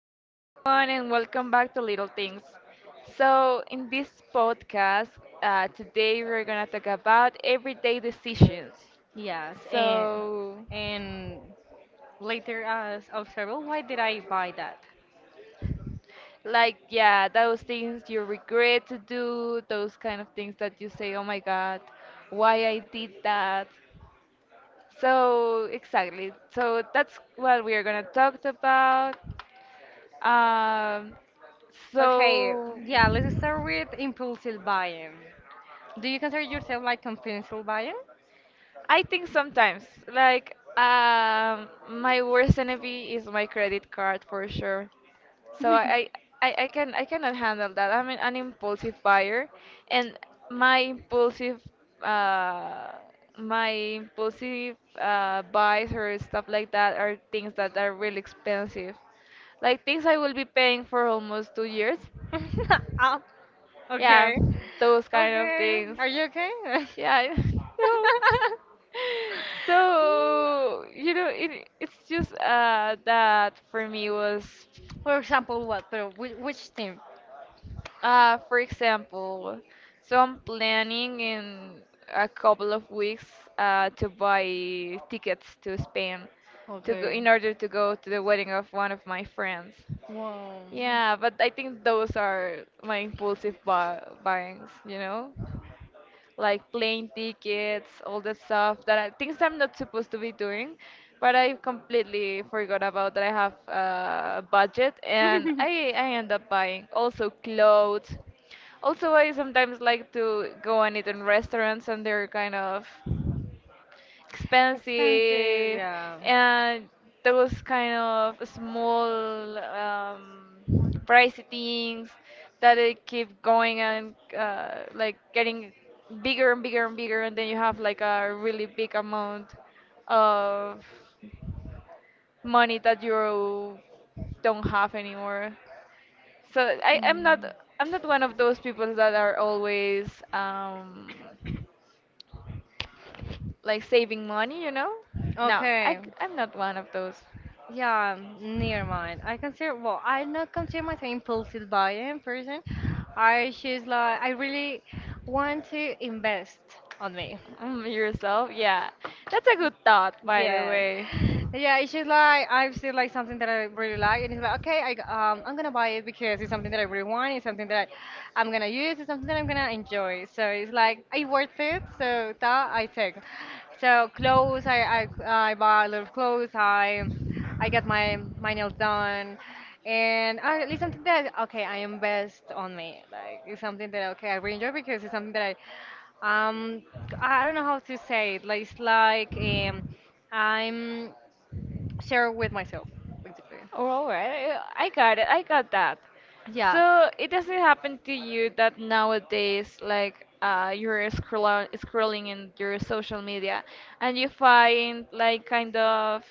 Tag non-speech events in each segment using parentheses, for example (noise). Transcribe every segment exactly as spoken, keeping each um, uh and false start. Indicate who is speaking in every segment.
Speaker 1: Hi, everyone, and welcome back to Little Things. So, in this podcast, uh, today we're gonna talk about everyday decisions.
Speaker 2: Yes, and
Speaker 1: So,
Speaker 2: and later as observable, why did I buy that?
Speaker 1: like, yeah, those things you regret to do, those kind of things that you say, oh my god, why I did that. So, exactly. So, that's what we are gonna talk about. Um,
Speaker 2: Okay,
Speaker 1: so,
Speaker 2: yeah, let's start with impulsive buying. Do you consider yourself like compulsive buying?
Speaker 1: I think sometimes, like, um, my worst enemy is my credit card for sure. So I, I, I can, I cannot handle that. I'm an, an impulsive buyer, and my impulsive, uh,
Speaker 2: (laughs)
Speaker 1: my impulsive uh, buys or stuff like that are things that are really expensive, like things I will be paying for almost two years.
Speaker 2: (laughs) Ah,
Speaker 1: Yeah,
Speaker 2: okay.
Speaker 1: those kind of
Speaker 2: Okay.
Speaker 1: things.
Speaker 2: Are you okay? (laughs)
Speaker 1: Yeah, I (laughs) know.
Speaker 2: Mm,
Speaker 1: So, you know, it, it's just uh, that for me was,
Speaker 2: for example, what? But which, which team?
Speaker 1: uh, for example, so I'm planning in a couple of weeks uh, to buy tickets to Spain to go,
Speaker 2: Okay.
Speaker 1: in order to go to the wedding of one of my friends.
Speaker 2: Wow.
Speaker 1: Yeah, but I
Speaker 2: (laughs)
Speaker 1: think those are my impulsive buy buyings, you know? Like plane tickets, all the stuff that I, things I'm not supposed to be doing. But I completely forgot about that I have a budget, and I I end up buying also clothes. Also, I sometimes like to go and eat in restaurants, and they're kind of
Speaker 2: Expensive,
Speaker 1: expensive
Speaker 2: yeah.
Speaker 1: and those kind of small um, pricey things that they keep going and uh, like getting bigger and bigger and bigger and then you have like a really big amount of money that you don't have anymore. So I, I'm not
Speaker 2: Mm.
Speaker 1: I'm not one of those people that are always um, like saving money, you know? No, I,
Speaker 2: Okay.
Speaker 1: c- I'm not one of those.
Speaker 2: Yeah, near mine. I consider, well, I not consider myself impulsive buying person. I just like I really want to invest on me.
Speaker 1: Mm, yourself? Yeah. That's a good thought, by the
Speaker 2: Yes.
Speaker 1: way.
Speaker 2: Yeah, it's just like I've seen like something that I really like and it's like, okay, I g- um I'm gonna buy it because it's something that I really want, it's something that I'm gonna use, it's something that I'm gonna enjoy. So it's like I worth it, so that I take. So clothes, I I I buy a lot of clothes, I I got my my nails done, and uh, it's something that, okay, I invest on me. Like it's something that, okay, I really enjoy because it's something that I um I I don't know how to say it. Like it's like um I'm share with myself basically.
Speaker 1: Oh, all right, I I got it. I got that.
Speaker 2: Yeah.
Speaker 1: So it doesn't happen to you that nowadays, like, uh, you're scroll scrolling in your social media and you find, like, kind of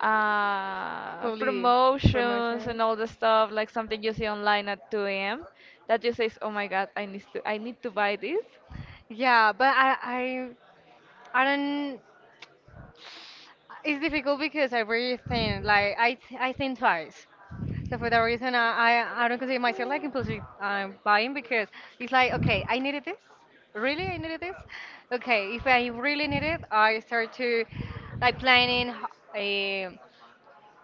Speaker 1: uh,
Speaker 2: Probably
Speaker 1: promotions and
Speaker 2: promotions.
Speaker 1: all the stuff, like something you see online at two a m that you says, "Oh my God, I need to, I need to buy this."
Speaker 2: Yeah, but I I I don't. It's difficult because I really think, like, I th I think twice. So for that reason, I I, I don't consider myself like impulsive um, buying because it's like, okay, I needed this. Really, I needed this. Okay, if I really need it, I start to like planning uh,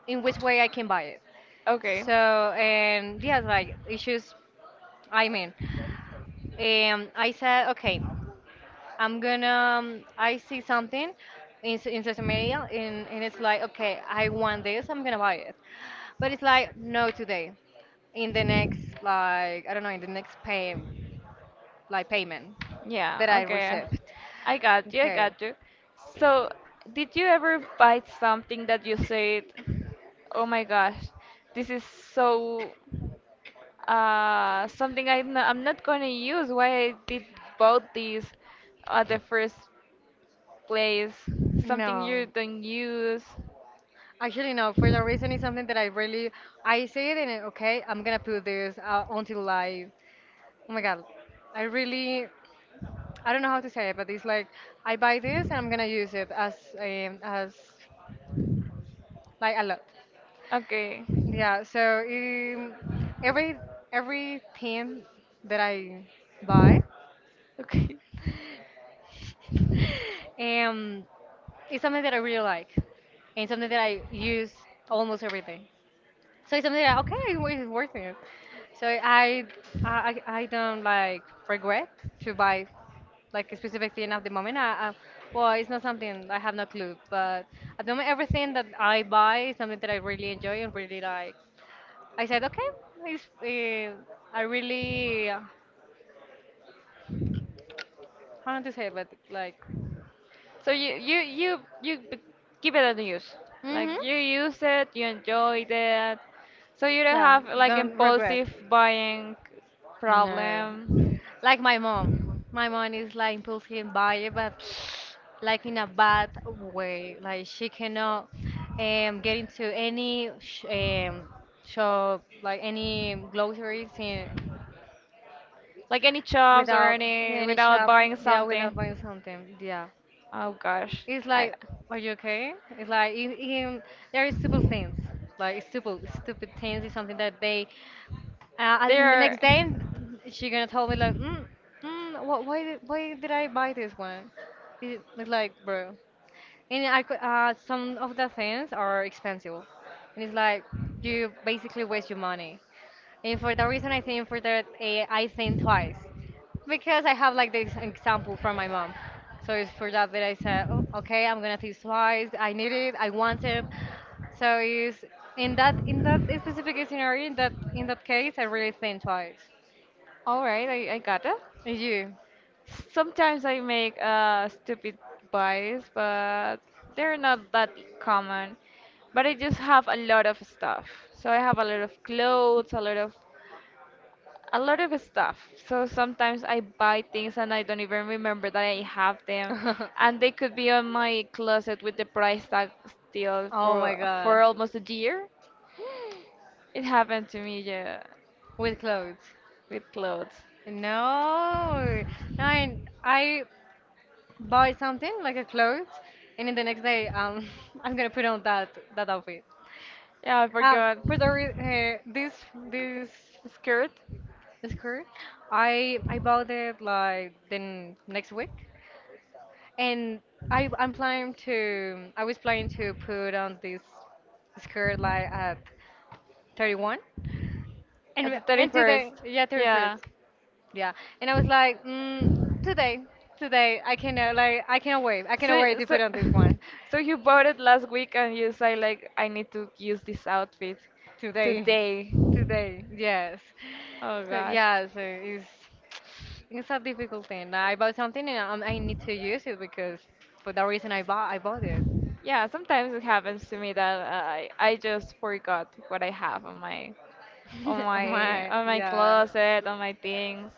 Speaker 2: in which way I can buy it.
Speaker 1: Okay.
Speaker 2: So and yes, like issues. I mean, Um, I said, okay, I'm gonna. Um, I see something in s- in social media, and, and it's like, okay, I want this. I'm gonna buy it. But it's like, no, today. In the next, like, I don't know, in the next pay, like payment
Speaker 1: Yeah,
Speaker 2: that I
Speaker 1: okay.
Speaker 2: received.
Speaker 1: I got you, I
Speaker 2: Okay.
Speaker 1: got you. So, did you ever bite something that you said, oh my gosh, this is so, uh, something I'm not, I'm not gonna use? Why I did bought this at the first place, something
Speaker 2: No.
Speaker 1: you don't use.
Speaker 2: Actually, no. For the reason, it's something that I really, I see it and uh, okay, I'm gonna put this uh, until I, oh my God, I really I don't know how to say it, but it's like I buy this and I'm gonna use it as um, as like a lot.
Speaker 1: Okay,
Speaker 2: Yeah. So um, every every thing that I buy,
Speaker 1: okay.
Speaker 2: (laughs) um, it's something that I really like, and something that I use almost every day. So it's something that, okay, it's worth it. So I I I don't like regret to buy like a specific thing at the moment. I, I well, it's not something I have no clue, but at the moment everything that I buy is something that I really enjoy and really like. I said, okay, it's uh, I really uh, how not to say, but like
Speaker 1: So you you you you b- give it a use. Like
Speaker 2: mhm,
Speaker 1: you use it, you enjoy it. So you don't
Speaker 2: yeah,
Speaker 1: have like
Speaker 2: don't regret.
Speaker 1: impulsive buying
Speaker 2: No.
Speaker 1: problem,
Speaker 2: Like my mom. My mom is like impulsive buyer, but (sniffs) like in a bad way. Like she cannot um, get into any sh um, shop, like any groceries in,
Speaker 1: like any shops or
Speaker 2: without
Speaker 1: any
Speaker 2: any
Speaker 1: without
Speaker 2: shop.
Speaker 1: buying
Speaker 2: Yeah, without buying
Speaker 1: something.
Speaker 2: something. Yeah.
Speaker 1: Oh gosh,
Speaker 2: It's
Speaker 1: I
Speaker 2: like, are you okay? It's like in, in, there is stupid things. Like stupid, stupid things is something that they Uh,
Speaker 1: they
Speaker 2: and the
Speaker 1: are.
Speaker 2: next day, she gonna tell me like, mm, mm, wh- why did why did I buy this one? It- It's like, bro, and I could, uh, some of the things are expensive, and it's like you basically waste your money. And for that reason, I think for that eh, I think twice because I have like this example from my mom. So it's for that that I said, oh, okay, I'm gonna think twice. I need it. I want it. So it's in that in that specific scenario, in that in that case, I really think twice.
Speaker 1: All right, I, I got it.
Speaker 2: And you?
Speaker 1: Sometimes I make uh, stupid buys, but they're not that common. But I just have a lot of stuff. So I have a lot of clothes, a lot of a lot of stuff. So sometimes I buy things and I don't even remember that I have them,
Speaker 2: (laughs)
Speaker 1: and they could be on my closet with the price tag still
Speaker 2: Oh my
Speaker 1: for for
Speaker 2: God,
Speaker 1: almost a year. It happened to me, yeah.
Speaker 2: with clothes.
Speaker 1: With clothes.
Speaker 2: No, no, I, I buy something like a clothes, and in the next day, um, (laughs) I'm gonna put on that that outfit.
Speaker 1: Yeah, I
Speaker 2: Uh,
Speaker 1: forgot.
Speaker 2: for the re- uh, this this
Speaker 1: Skirt
Speaker 2: skirt, I I bought it like the n- next week, and I I'm planning to I was planning to put on this skirt like at thirty-one, and
Speaker 1: at the
Speaker 2: we- and today,
Speaker 1: thirty-first.
Speaker 2: yeah, thirty-first,
Speaker 1: Yeah.
Speaker 2: yeah, and I was like, mm, today today I cannot, like, I cannot wait I cannot
Speaker 1: So,
Speaker 2: wait to
Speaker 1: so,
Speaker 2: put on this
Speaker 1: (laughs)
Speaker 2: one.
Speaker 1: so you bought it last week and you say like, I need to use this outfit
Speaker 2: Today,
Speaker 1: today.
Speaker 2: today, yes.
Speaker 1: Oh
Speaker 2: So,
Speaker 1: gosh.
Speaker 2: yeah, so it's it's a difficult thing. I bought something and um, I need to use it because for that reason I bought I bought it.
Speaker 1: Yeah, sometimes it happens to me that uh, I I just forgot what I have on my on
Speaker 2: (laughs) Oh
Speaker 1: my
Speaker 2: my,
Speaker 1: on my
Speaker 2: yeah,
Speaker 1: closet, on my things.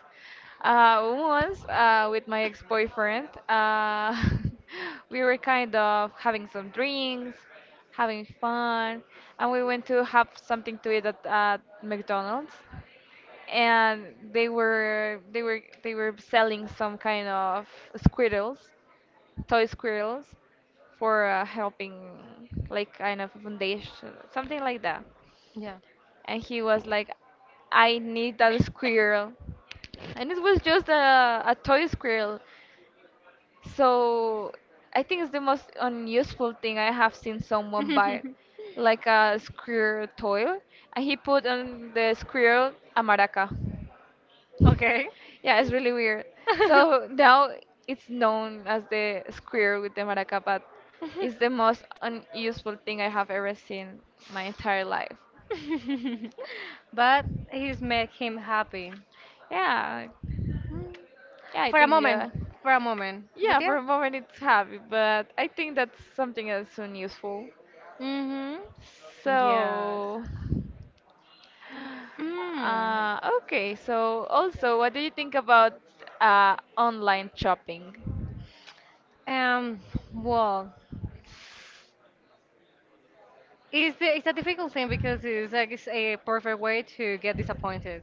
Speaker 1: Uh, once uh, with my ex-boyfriend, uh, (laughs) we were kind of having some drinks, having fun, and we went to have something to eat at, at McDonald's. And they were they were they were selling some kind of squirrels, toy squirrels, for uh, helping, like kind of a foundation, something like that.
Speaker 2: yeah.
Speaker 1: And he was like, I need that squirrel. And it was just a, a toy squirrel. So I think it's the most unuseful thing I have seen someone buy,
Speaker 2: (laughs)
Speaker 1: like a squirrel toy. And he put on the squirrel a maraca.
Speaker 2: Okay.
Speaker 1: Yeah, it's really weird. So
Speaker 2: (laughs) (laughs)
Speaker 1: now it's known as the squirrel with the maraca, but it's the most unuseful thing I have ever seen my entire life.
Speaker 2: But he's made him happy.
Speaker 1: Yeah,
Speaker 2: Mm,
Speaker 1: yeah, I
Speaker 2: for a
Speaker 1: think
Speaker 2: moment,
Speaker 1: yeah.
Speaker 2: for a moment. But
Speaker 1: Yeah, for
Speaker 2: yeah.
Speaker 1: a moment it's happy, but I think that's something that's soon useful.
Speaker 2: Mm-hmm. Yeah.
Speaker 1: So,
Speaker 2: Mm.
Speaker 1: uh, okay, so also, what do you think about uh, online shopping?
Speaker 2: Um, well, It's, the, it's a difficult thing because it's like it's a perfect way to get disappointed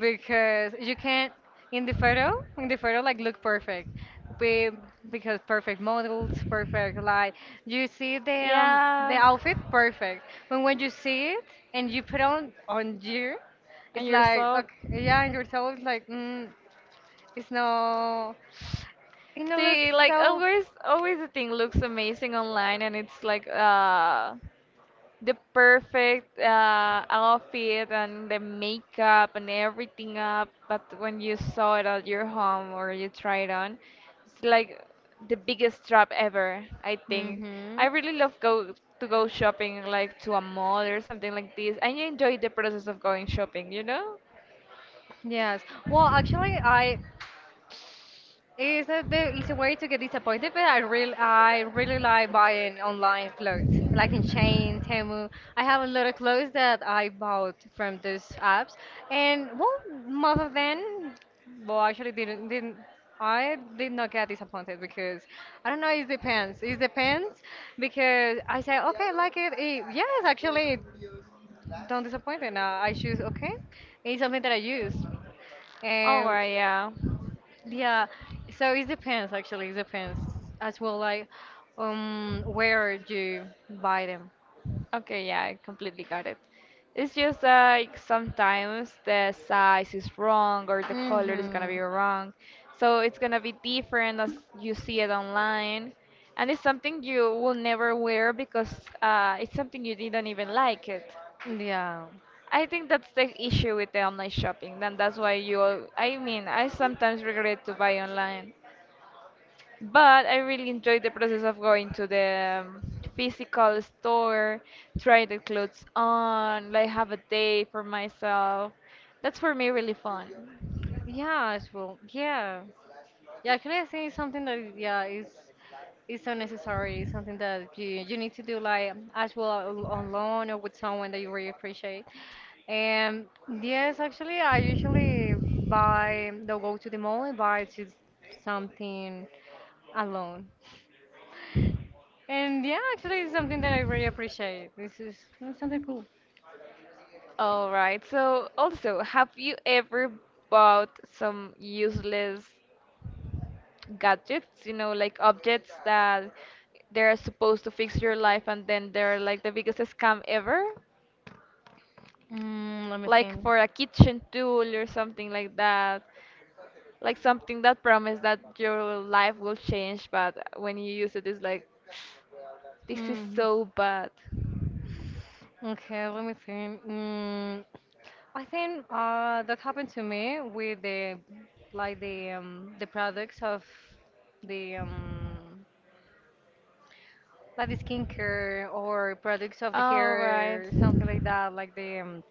Speaker 2: because you can not in the photo in the photo like look perfect be, because perfect models perfect light you see the um, the
Speaker 1: Yeah.
Speaker 2: outfit perfect but when you see it and you put on on you
Speaker 1: And
Speaker 2: it's like,
Speaker 1: yourself?
Speaker 2: okay, yeah and yourself it's like, mm, it's no it no look
Speaker 1: See, like
Speaker 2: so
Speaker 1: always, always the thing looks amazing online, and it's like uh the perfect uh outfit and the makeup and everything up. But when you saw it at your home or you try it on, it's like the biggest trap ever, I think. I
Speaker 2: hmm.
Speaker 1: really love go to go shopping like to a mall or something like this. I enjoy the process of going shopping, you know?
Speaker 2: Yes. Well, actually, I it's a, the, it's a way to get disappointed, but I really I really like buying online clothes, like in Chain, Temu. I have a lot of clothes that I bought from those apps, and well, most of them, well, actually didn't didn't I did not get disappointed because I don't know. It depends. It depends because I say, okay, I like it. Eh, yes, actually, don't disappoint me. Now I choose, okay. It's something that I use.
Speaker 1: Oh,
Speaker 2: Um,
Speaker 1: well, yeah.
Speaker 2: yeah, so it depends, actually, it depends as well like um where you buy them.
Speaker 1: Okay, yeah, I completely got it. It's just like sometimes the size is wrong or the color is gonna
Speaker 2: Mm-hmm.
Speaker 1: be wrong. So it's gonna be different as you see it online. And it's something you will never wear because uh, it's something you didn't even like it.
Speaker 2: Yeah.
Speaker 1: I think that's the issue with the online shopping. Then that's why you, al- I mean, I sometimes regret to buy online. But I really enjoyed the process of going to the um, physical store, try the clothes on, like have a day for myself. That's for me really fun.
Speaker 2: Yeah, as well. Yeah. Yeah, actually I think it's something that yeah is is so necessary. It's something that you you need to do like as well al- on loan or with someone that you really appreciate. And yes, actually I usually buy don't go to the mall and buy just something alone. And yeah, actually, it's something that I really appreciate. This is it's something cool.
Speaker 1: All right. So also, have you ever bought some useless gadgets, you know, like objects that they're supposed to fix your life and then they're like the biggest scam ever?
Speaker 2: Mm, let me
Speaker 1: Like
Speaker 2: think.
Speaker 1: for a kitchen tool or something like that. Like something that promised that your life will change, but when you use it, it's like, this is
Speaker 2: Mm.
Speaker 1: so bad.
Speaker 2: Okay, let me think. Mm, I think uh, that happened to me with the like the um, the products of the um, like the skincare or products of the
Speaker 1: Oh, right.
Speaker 2: hair, something like that, like the um,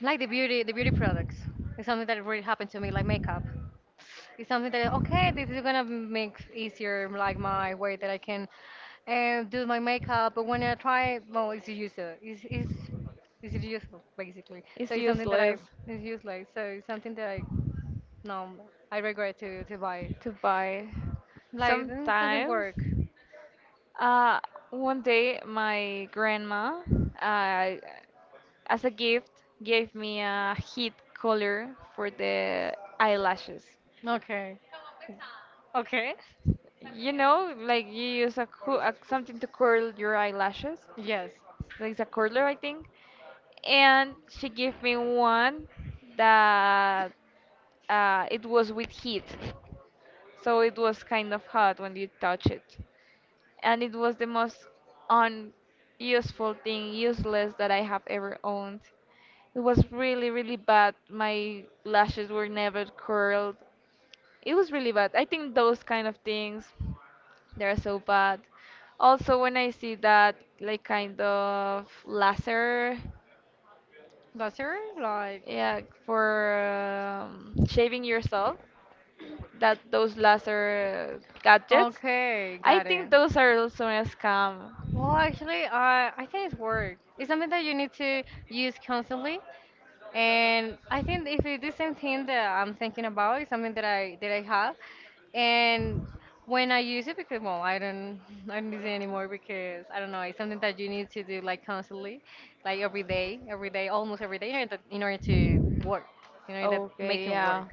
Speaker 2: like the beauty the beauty products. It's something that really happened to me, like makeup. It's something that, okay, this is gonna make easier like my way that I can uh, do my makeup. But when I try, well, it's useful. It's, it's, it's useful, basically. So
Speaker 1: It's
Speaker 2: it's something that I,
Speaker 1: useless
Speaker 2: it's useless. So it's something that I, no, I regret to, to buy.
Speaker 1: to buy.
Speaker 2: Like, mm, doesn't
Speaker 1: Sometimes.
Speaker 2: work.
Speaker 1: Uh, One day, my grandma, uh, as a gift, gave me a heat color for the eyelashes.
Speaker 2: Okay. Okay.
Speaker 1: You know, like you use a, co- a something to curl your eyelashes.
Speaker 2: Yes.
Speaker 1: Like, it's a curler, I think. And she gave me one that uh, it was with heat, so it was kind of hot when you touch it. And it was the most unuseful thing, useless that I have ever owned. It was really, really bad. My lashes were never curled. It was really bad. I think those kind of things they're so bad. Also, when I see that like kind of laser,
Speaker 2: That's your, like,
Speaker 1: yeah, for um, shaving yourself, that those laser gadgets,
Speaker 2: okay,
Speaker 1: I
Speaker 2: got it.
Speaker 1: think those are also a scam.
Speaker 2: Well, actually, uh, I think it's work. It's something that you need to use constantly, and I think if it's the same thing that I'm thinking about, it's something that I that I have, and when I use it, because well, I don't (laughs) I don't use it anymore because I don't know. It's something that you need to do like constantly, like every day, every day, almost every day, in order to, in order to work, you know, in order that
Speaker 1: Okay,
Speaker 2: making work.
Speaker 1: yeah.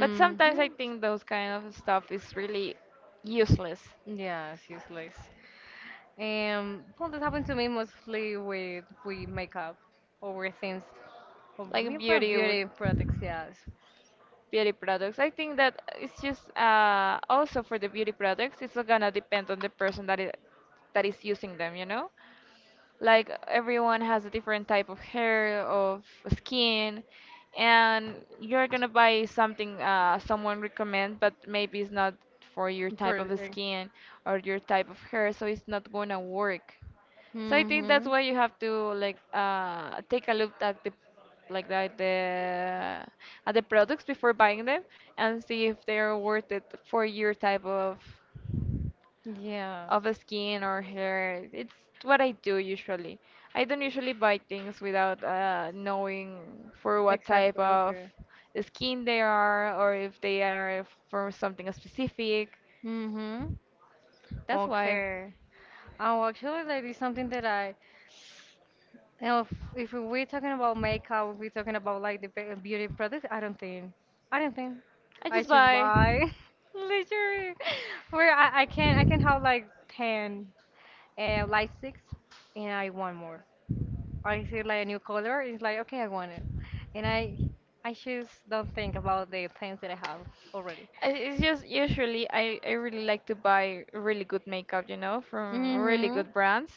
Speaker 1: But sometimes I think those kind of stuff is really useless.
Speaker 2: Yeah, it's useless. Um, well, this happened to me mostly with with makeup or with things, or
Speaker 1: Like
Speaker 2: maybe for
Speaker 1: beauty would
Speaker 2: beauty products, yes.
Speaker 1: beauty products. I think that it's just uh, also for the beauty products, it's gonna depend on the person that is that is using them, you know? Like everyone has a different type of hair of skin and you're gonna buy something uh, someone recommend but maybe it's not for your
Speaker 2: For,
Speaker 1: type of
Speaker 2: uh,
Speaker 1: skin or your type of hair so it's not gonna work. So I think that's
Speaker 2: hmm,
Speaker 1: why you have to like uh, take a look at the like at the at the products before buying them and see if they're worth it for your type of
Speaker 2: yeah,
Speaker 1: of the skin or hair. It's what I do usually. I don't usually buy things without uh, knowing for what type
Speaker 2: exactly.
Speaker 1: of
Speaker 2: Okay.
Speaker 1: skin they are or if they are for something specific.
Speaker 2: Hmm.
Speaker 1: That's why
Speaker 2: Okay. Oh, actually, like it's something that I now, if, if we're talking about makeup, if we're talking about like the be- beauty products, I don't think, I don't think
Speaker 1: I
Speaker 2: I
Speaker 1: just
Speaker 2: should
Speaker 1: buy.
Speaker 2: buy, (laughs) literally where I, I can I can have like ten, uh, like six, and I want more. I see like a new color, it's like, okay, I want it, and I I just don't think about the things that I have already.
Speaker 1: I- It's just usually I, I really like to buy really good makeup, you know, from really
Speaker 2: Mhm.
Speaker 1: good brands.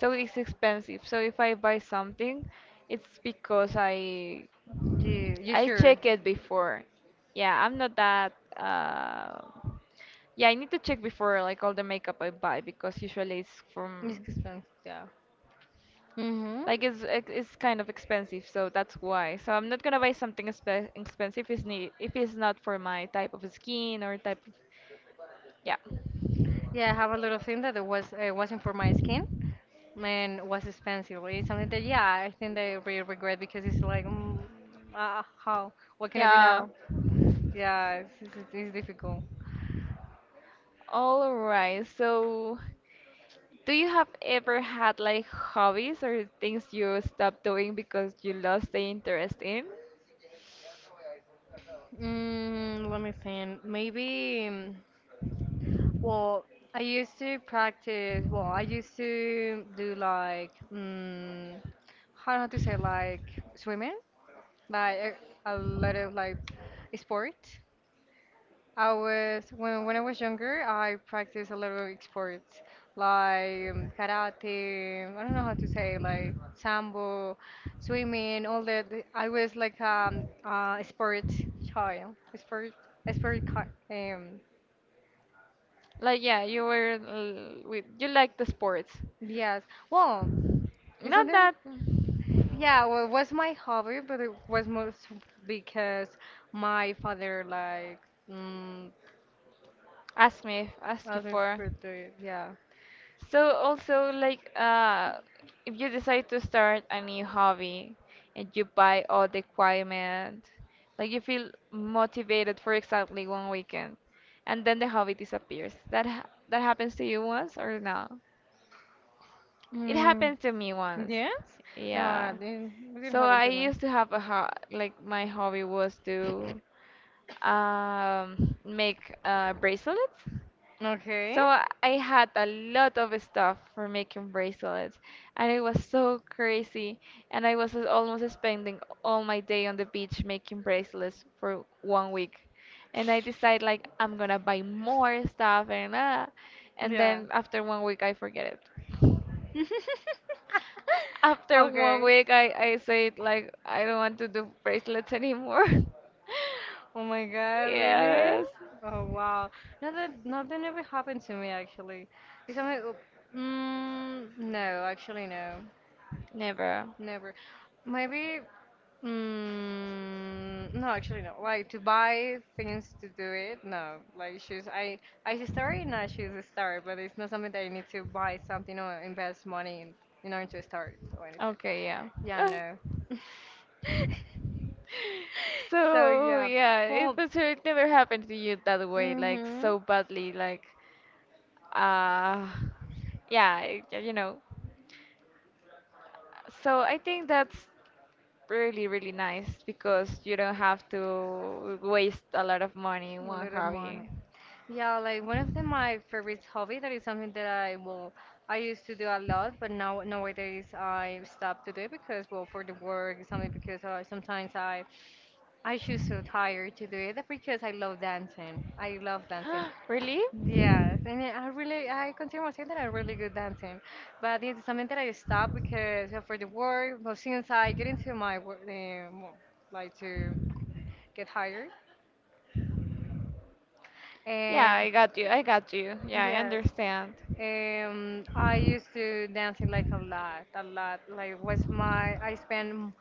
Speaker 1: So it's expensive. So if I buy something, it's because I
Speaker 2: You you
Speaker 1: I
Speaker 2: sure?
Speaker 1: check it before. Yeah, I'm not that uh yeah, I need to check before like all the makeup I buy because usually it's from
Speaker 2: It's expensive, yeah. Mhm.
Speaker 1: like it's ex- it's kind of expensive, so that's why. So I'm not gonna buy something expe expensive if it's need if it's not for my type of skin or type of yeah.
Speaker 2: Yeah, I have a lot of things that it was uh, wasn't for my skin. Man, was expensive. Really. It's something that, yeah, I think they really regret because it's like, mm, uh, how, what can I do
Speaker 1: Yeah.
Speaker 2: now? Yeah, it's, it's, it's difficult.
Speaker 1: All right. So, do you have ever had like hobbies or things you stopped doing because you lost the interest in?
Speaker 2: Mm, let me think. Maybe, mm, well, I used to practice, well, I used to do like, mm, how to say, like swimming, like a, a lot of like sports. I was when when I was younger, I practiced a lot of sports like um, karate. I don't know how to say like sambo, swimming, all that. I was like um uh, a sport child, a sport, a sport. ki- Um,
Speaker 1: Like, yeah, you were l- with you like the sports.
Speaker 2: yes. Well,
Speaker 1: Not
Speaker 2: isn't there?
Speaker 1: that
Speaker 2: Yeah. Well, it was my hobby, but it was most because my father like mm,
Speaker 1: ask me ask you
Speaker 2: asked me
Speaker 1: for.
Speaker 2: for to. Yeah.
Speaker 1: So also like uh if you decide to start a new hobby and you buy all the equipment, like you feel motivated for exactly one weekend and then the hobby disappears. That ha that happens to you once or no? It
Speaker 2: Mm.
Speaker 1: happened to me once.
Speaker 2: Yes? No, I
Speaker 1: Yeah.
Speaker 2: didn't, it didn't
Speaker 1: So
Speaker 2: happen
Speaker 1: I
Speaker 2: to me.
Speaker 1: used to have a ho like my hobby was to um make uh bracelets.
Speaker 2: Okay.
Speaker 1: So I I had a lot of stuff for making bracelets, and it was so crazy. And I was almost spending all my day on the beach making bracelets for one week. And I decided like I'm gonna buy more stuff and uh, and
Speaker 2: Yeah.
Speaker 1: then after one week I forget it. (laughs)
Speaker 2: (laughs)
Speaker 1: After one
Speaker 2: Okay.
Speaker 1: week, I, I said, like, I don't want to do bracelets anymore. (laughs)
Speaker 2: Oh my God, really?
Speaker 1: Yes.
Speaker 2: Oh wow. No, that nothing ever happened to me actually. Because something? Am mm, no, actually no,
Speaker 1: Never.
Speaker 2: never. Maybe mm, no, actually no. Like to buy things to do it, no. Like shoes, I I see story, no, shoes a start, but it's not something that I need to buy something or invest money in, in order to start or anything.
Speaker 1: Okay, yeah.
Speaker 2: Yeah,
Speaker 1: Oh.
Speaker 2: no. (laughs)
Speaker 1: (laughs)
Speaker 2: So
Speaker 1: So,
Speaker 2: yeah,
Speaker 1: yeah, it,
Speaker 2: well,
Speaker 1: but so it never happened to you that way, like,
Speaker 2: mm-hmm.
Speaker 1: so badly, like, uh, yeah, y- you know. So I think that's really, really nice because you don't have to waste a lot of money in
Speaker 2: A
Speaker 1: one
Speaker 2: little money.
Speaker 1: hobby.
Speaker 2: Yeah, like one of the, my favorite hobby that is something that I will I used to do a lot, but now nowadays I stop to do it because well for the work something because uh, sometimes I I just so
Speaker 1: (gasps)
Speaker 2: tired to do it but because I love dancing. I love dancing.
Speaker 1: Really?
Speaker 2: Yes, and I I really I consider myself that I'm really good dancing, but it's something that I stopped because uh, for the work. But since I get into my work, uh, like to get hired.
Speaker 1: Yeah, I got you. I got you. Yeah, I
Speaker 2: Yes.
Speaker 1: understand.
Speaker 2: Um, I used to dancing like a lot, a lot. Like was my I spend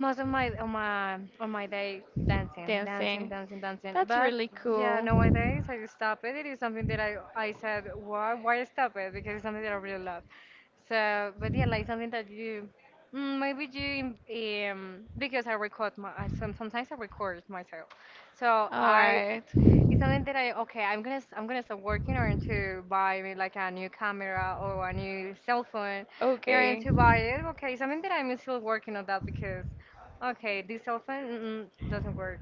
Speaker 2: most of my on my on my day dancing, dancing,
Speaker 1: Dancing.
Speaker 2: dancing, dancing.
Speaker 1: That's
Speaker 2: But
Speaker 1: really
Speaker 2: yeah,
Speaker 1: cool.
Speaker 2: nowadays I stop it. It is something that I I said why why stop it because it's something that I really love. So, but yeah, like something that you mm, maybe you um because I record my I, some, sometimes I record myself. So
Speaker 1: All
Speaker 2: I
Speaker 1: right.
Speaker 2: it's something that I okay. I'm gonna s- I'm gonna start working on to buy me like a new camera or a new cell phone, and
Speaker 1: Okay.
Speaker 2: to buy it. Okay, it's something that I'm still working on that because, okay, this cell phone mm-mm, doesn't work.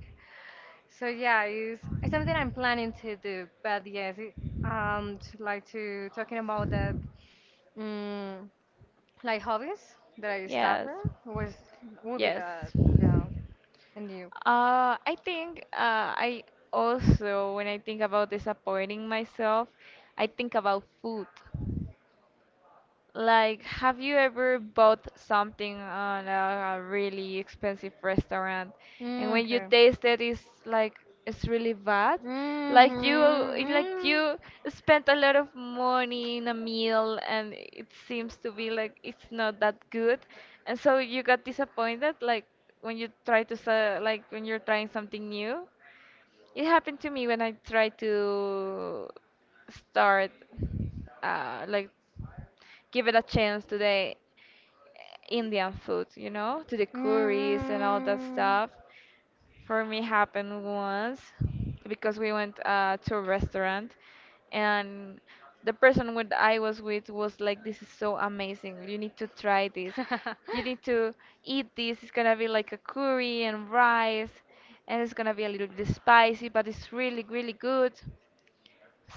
Speaker 2: So yeah, it's, it's something that I'm planning to do. But yes, it, um, to, like to talking about that, mm, like hobbies that I stop
Speaker 1: Yes,
Speaker 2: was would be
Speaker 1: yes.
Speaker 2: that yeah. And you?
Speaker 1: Uh, I think uh, I also, when I think about disappointing myself, I think about food. Like, have you ever bought something on a, a really expensive restaurant, and
Speaker 2: Mm,
Speaker 1: when you
Speaker 2: okay.
Speaker 1: taste it, it's like it's really bad? Like you, like
Speaker 2: Mm-hmm.
Speaker 1: you spent a lot of money in a meal, and it seems to be like it's not that good, and so you got disappointed. Like when you try to, se- like when you're trying something new. It happened to me when I tried to start, uh, like, give it a chance to the Indian food, you know, to the
Speaker 2: Mm-hmm.
Speaker 1: curries and all that
Speaker 2: Mm-hmm.
Speaker 1: stuff. For me, happened once because we went uh, to a restaurant, and the person what I was with was like, "This is so amazing! You need to try this. You need to eat this. It's gonna be like a curry and rice, and it's gonna be a little bit spicy, but it's really, really good."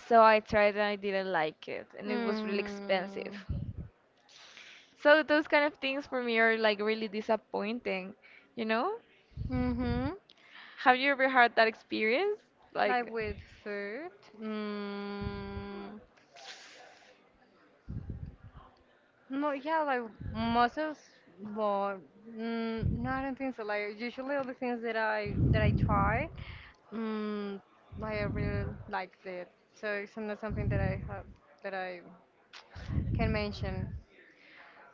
Speaker 1: So I tried and I didn't like it, and it was really expensive. So those kind of things for me are like really disappointing, you know?
Speaker 2: Mm-hmm. (laughs)
Speaker 1: Have you ever had that experience?
Speaker 2: Like
Speaker 1: Like,
Speaker 2: with food. Mm. No, yeah, like mussels, but mm, no, I don't think so. Like usually all the things that I that I try, mm, I really liked it. So it's not something that I have that I can mention.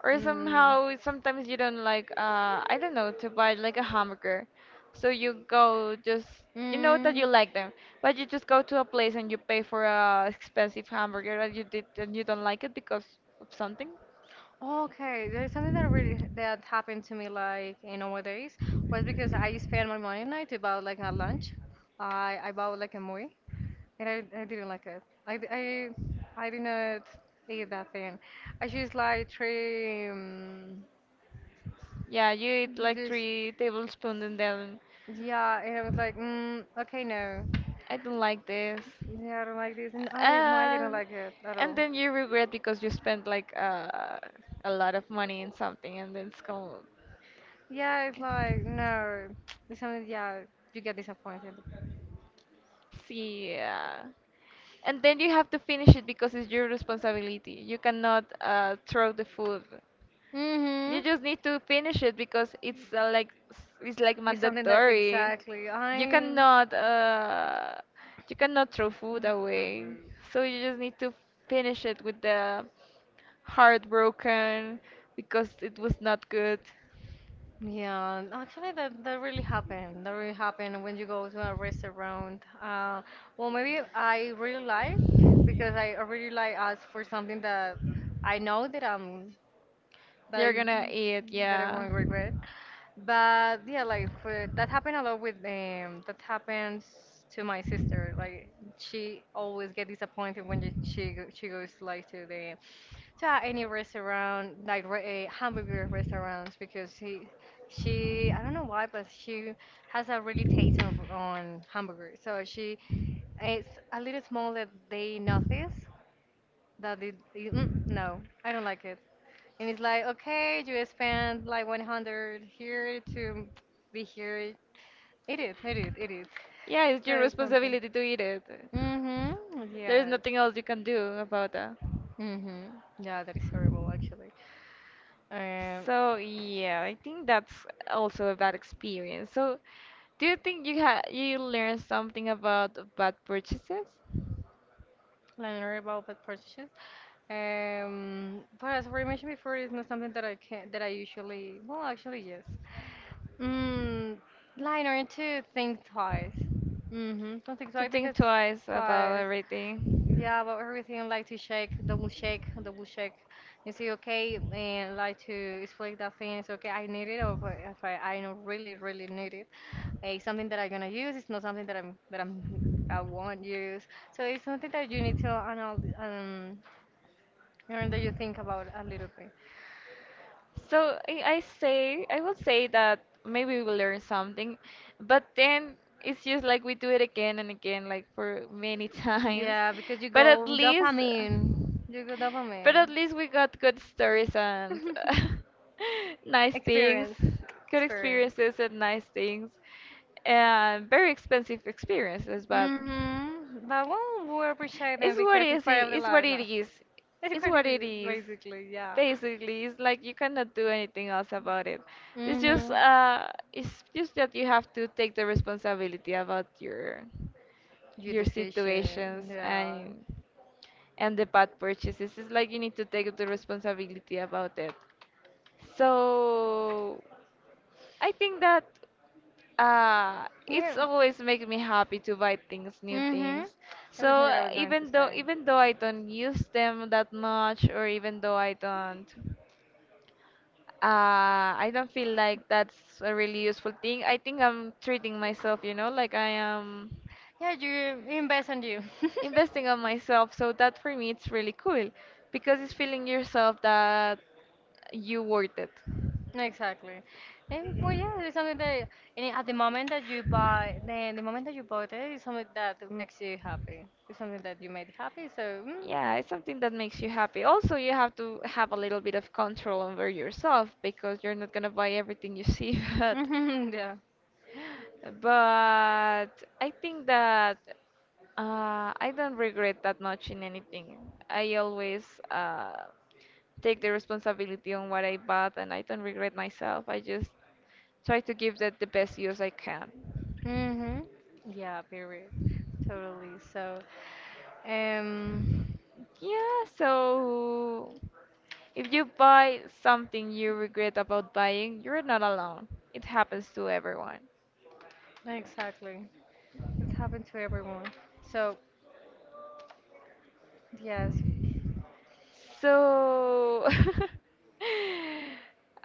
Speaker 1: or
Speaker 2: Mm.
Speaker 1: somehow sometimes you don't like uh I don't know, to buy like a hamburger, so you go just you know that
Speaker 2: Mm.
Speaker 1: you like them, but you just go to a place and you pay for a expensive hamburger that you did and you don't like it because of something.
Speaker 2: Okay, there's something that really that happened to me like in nowadays was because I spent my money night to buy like a lunch. I I bought like a movie and I, I didn't like it. I, d- I I did not eat that thing. I just like three um,
Speaker 1: Yeah, you eat like
Speaker 2: this.
Speaker 1: three tablespoons and then
Speaker 2: Yeah, and I was like, mm, okay, no.
Speaker 1: I don't like this,
Speaker 2: Yeah, I don't like this. And I, no, I didn't
Speaker 1: and
Speaker 2: like it at
Speaker 1: and
Speaker 2: all.
Speaker 1: then you regret because you spent like uh, a lot of money in something and then it's gone.
Speaker 2: Yeah, it's like, no. It's something, yeah, you get disappointed.
Speaker 1: Yeah. And then you have to finish it because it's your responsibility. You cannot uh, throw the food. You
Speaker 2: Mm-hmm.
Speaker 1: just need to finish it because it's uh, like it's like
Speaker 2: It's something that,
Speaker 1: mandatory.
Speaker 2: exactly.
Speaker 1: You
Speaker 2: I,
Speaker 1: cannot uh, you cannot throw food away. So you just need to finish it with the heartbroken because it was not good.
Speaker 2: yeah, actually, that, that really happened. That really happened when you go to a restaurant. Uh, well, maybe I really like, because I I really like ask for something that I know that I'm that
Speaker 1: They're
Speaker 2: I
Speaker 1: gonna eat,
Speaker 2: that I
Speaker 1: yeah.
Speaker 2: won't regret. But yeah, like for, that happened a lot with um that happens to my sister. Like she always get disappointed when she she, go- she goes like to the to any restaurant like re- uh, hamburger restaurants because she she I don't know why but she has a really taste of, on hamburgers. So she it's a little small that they notice that it, it- mm, no I don't like it and it's like, okay, you spend like one hundred here to be here. It is, it is, it is.
Speaker 1: Yeah, it's your
Speaker 2: That is something.
Speaker 1: responsibility to eat it.
Speaker 2: Mm-hmm,
Speaker 1: There's
Speaker 2: yes.
Speaker 1: nothing else you can do about that.
Speaker 2: Mm-hmm. Yeah, that is horrible actually. Um,
Speaker 1: So yeah, I think that's also a bad experience. So do you think you ha you learned something about bad purchases?
Speaker 2: learn about bad purchases. Um, but as we mentioned before, it's not something that I can that I usually, well, actually, yes. Mm, like learn to think twice. Mm-hmm. Don't think
Speaker 1: To
Speaker 2: twice
Speaker 1: think
Speaker 2: because
Speaker 1: twice about everything.
Speaker 2: yeah, but everything like to shake, double shake, double shake. You say okay, and like to explain that thing. It's okay, I need it, or if I, I don't really, really need it. It's something that I'm gonna use. It's not something that I'm that I'm I won't use. So it's something that you need to anal um, and that you think about a little bit.
Speaker 1: So I, I say I will say that maybe we learn something, but then it's just like we do it again and again, like for many (laughs) times.
Speaker 2: Yeah, because you
Speaker 1: But at
Speaker 2: go
Speaker 1: least,
Speaker 2: dopamine. You go
Speaker 1: but at
Speaker 2: dopamine.
Speaker 1: least we got good stories and
Speaker 2: (laughs)
Speaker 1: (laughs) nice things,
Speaker 2: Experience,
Speaker 1: good
Speaker 2: experience.
Speaker 1: experiences and nice things, and very expensive experiences. But
Speaker 2: Mm-hmm. But well, we appreciate them
Speaker 1: it's what
Speaker 2: because it's
Speaker 1: is
Speaker 2: part
Speaker 1: it?
Speaker 2: of the
Speaker 1: It's what
Speaker 2: life
Speaker 1: it
Speaker 2: now.
Speaker 1: is.
Speaker 2: (laughs) That's
Speaker 1: It's
Speaker 2: what
Speaker 1: what
Speaker 2: it
Speaker 1: it
Speaker 2: is,
Speaker 1: is.
Speaker 2: basically, yeah.
Speaker 1: Basically, it's like you cannot do anything else about it. It's just
Speaker 2: Mm-hmm.
Speaker 1: uh, it's just that you have to take the responsibility about your
Speaker 2: Your
Speaker 1: your
Speaker 2: decision,
Speaker 1: situations
Speaker 2: yeah.
Speaker 1: and and the bad purchases. It's like you need to take the responsibility about it. So I think that uh, it's
Speaker 2: Yeah.
Speaker 1: always make me happy to buy things, new
Speaker 2: Mm-hmm.
Speaker 1: things. So
Speaker 2: Everything that I
Speaker 1: uh,
Speaker 2: was going to
Speaker 1: even though
Speaker 2: say.
Speaker 1: even though I don't use them that much, or even though I don't. Uh, I don't feel like that's a really useful thing. I think I'm treating myself, you know, like I am
Speaker 2: Yeah, you invest on you.
Speaker 1: investing on myself. So that for me, it's really cool because it's feeling yourself that
Speaker 2: (laughs)
Speaker 1: you worth it.
Speaker 2: Exactly. And well, yeah, it's something that, and at the moment that you buy, the, the moment that you bought it is something that makes you happy. It's something that you made happy, so
Speaker 1: Yeah, it's something that makes you happy. Also, you have to have a little bit of control over yourself because you're not gonna buy everything you see, (laughs) but
Speaker 2: mm, (laughs) yeah.
Speaker 1: But I think that uh, I don't regret that much in anything. I always uh, take the responsibility on what I bought, and I don't regret myself. I just try to give that the best use I can.
Speaker 2: Mm-hmm. Yeah, period. Totally. So, um,
Speaker 1: Yeah, so if you buy something you regret about buying, you're not alone. It happens to everyone.
Speaker 2: exactly. It's happened to everyone. So, yes.
Speaker 1: So, (laughs)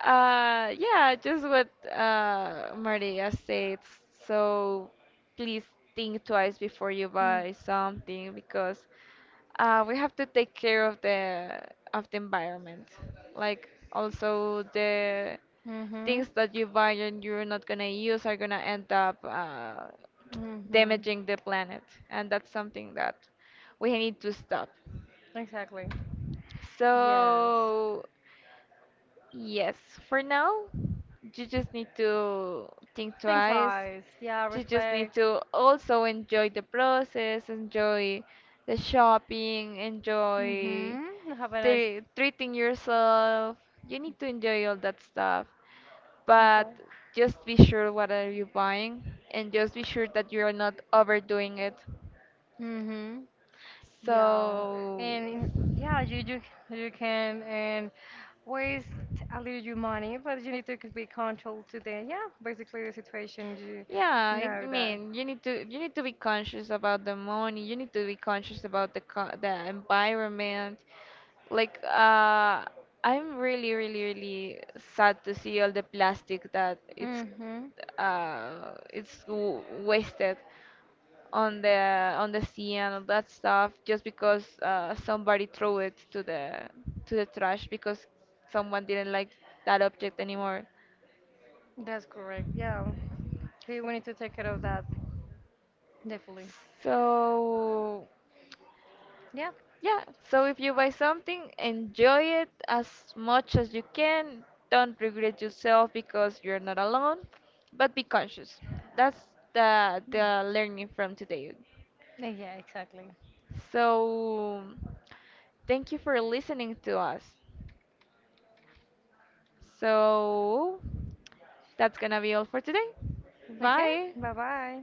Speaker 1: uh, yeah, just what uh, Maria said. So, please think twice before you
Speaker 2: Mm.
Speaker 1: buy something because uh, we have to take care of the of the environment. Like also the
Speaker 2: Mhm.
Speaker 1: things that you buy and you're not gonna use are gonna end up uh,
Speaker 2: Mhm.
Speaker 1: damaging the planet, and that's something that we need to stop.
Speaker 2: Exactly. Yes.
Speaker 1: So, yes, for now, you just need to think
Speaker 2: Think
Speaker 1: twice.
Speaker 2: twice. Yeah.
Speaker 1: You just need
Speaker 2: Reflect.
Speaker 1: to also enjoy the process, enjoy the shopping, enjoy
Speaker 2: Mhm. Have a nice.
Speaker 1: the treating yourself. You need to enjoy all that stuff, but
Speaker 2: Okay.
Speaker 1: just be sure what are you buying and just be sure that you are not overdoing it.
Speaker 2: Mhm. Yeah,
Speaker 1: So,
Speaker 2: and yeah, you you you can and waste a little your money, but you need to be controlled today. Yeah, basically the situation you
Speaker 1: yeah, I
Speaker 2: know that.
Speaker 1: mean, you need to you need to be conscious about the money. You need to be conscious about the co the environment. Like, uh, I'm really, really, really sad to see all the plastic that it's
Speaker 2: Mm-hmm.
Speaker 1: uh it's w wasted on the on the sea and all that stuff just because uh, somebody threw it to the to the trash because someone didn't like that object anymore.
Speaker 2: That's correct. Yeah, we we need to take care of that definitely.
Speaker 1: So.
Speaker 2: Yeah.
Speaker 1: Yeah, so if you buy something, enjoy it as much as you can. Don't regret yourself because you're not alone, but be conscious. That's the the learning from today.
Speaker 2: Yeah, exactly.
Speaker 1: So thank you for listening to us. So that's gonna be all for today.
Speaker 2: Okay.
Speaker 1: Bye.
Speaker 2: Bye bye.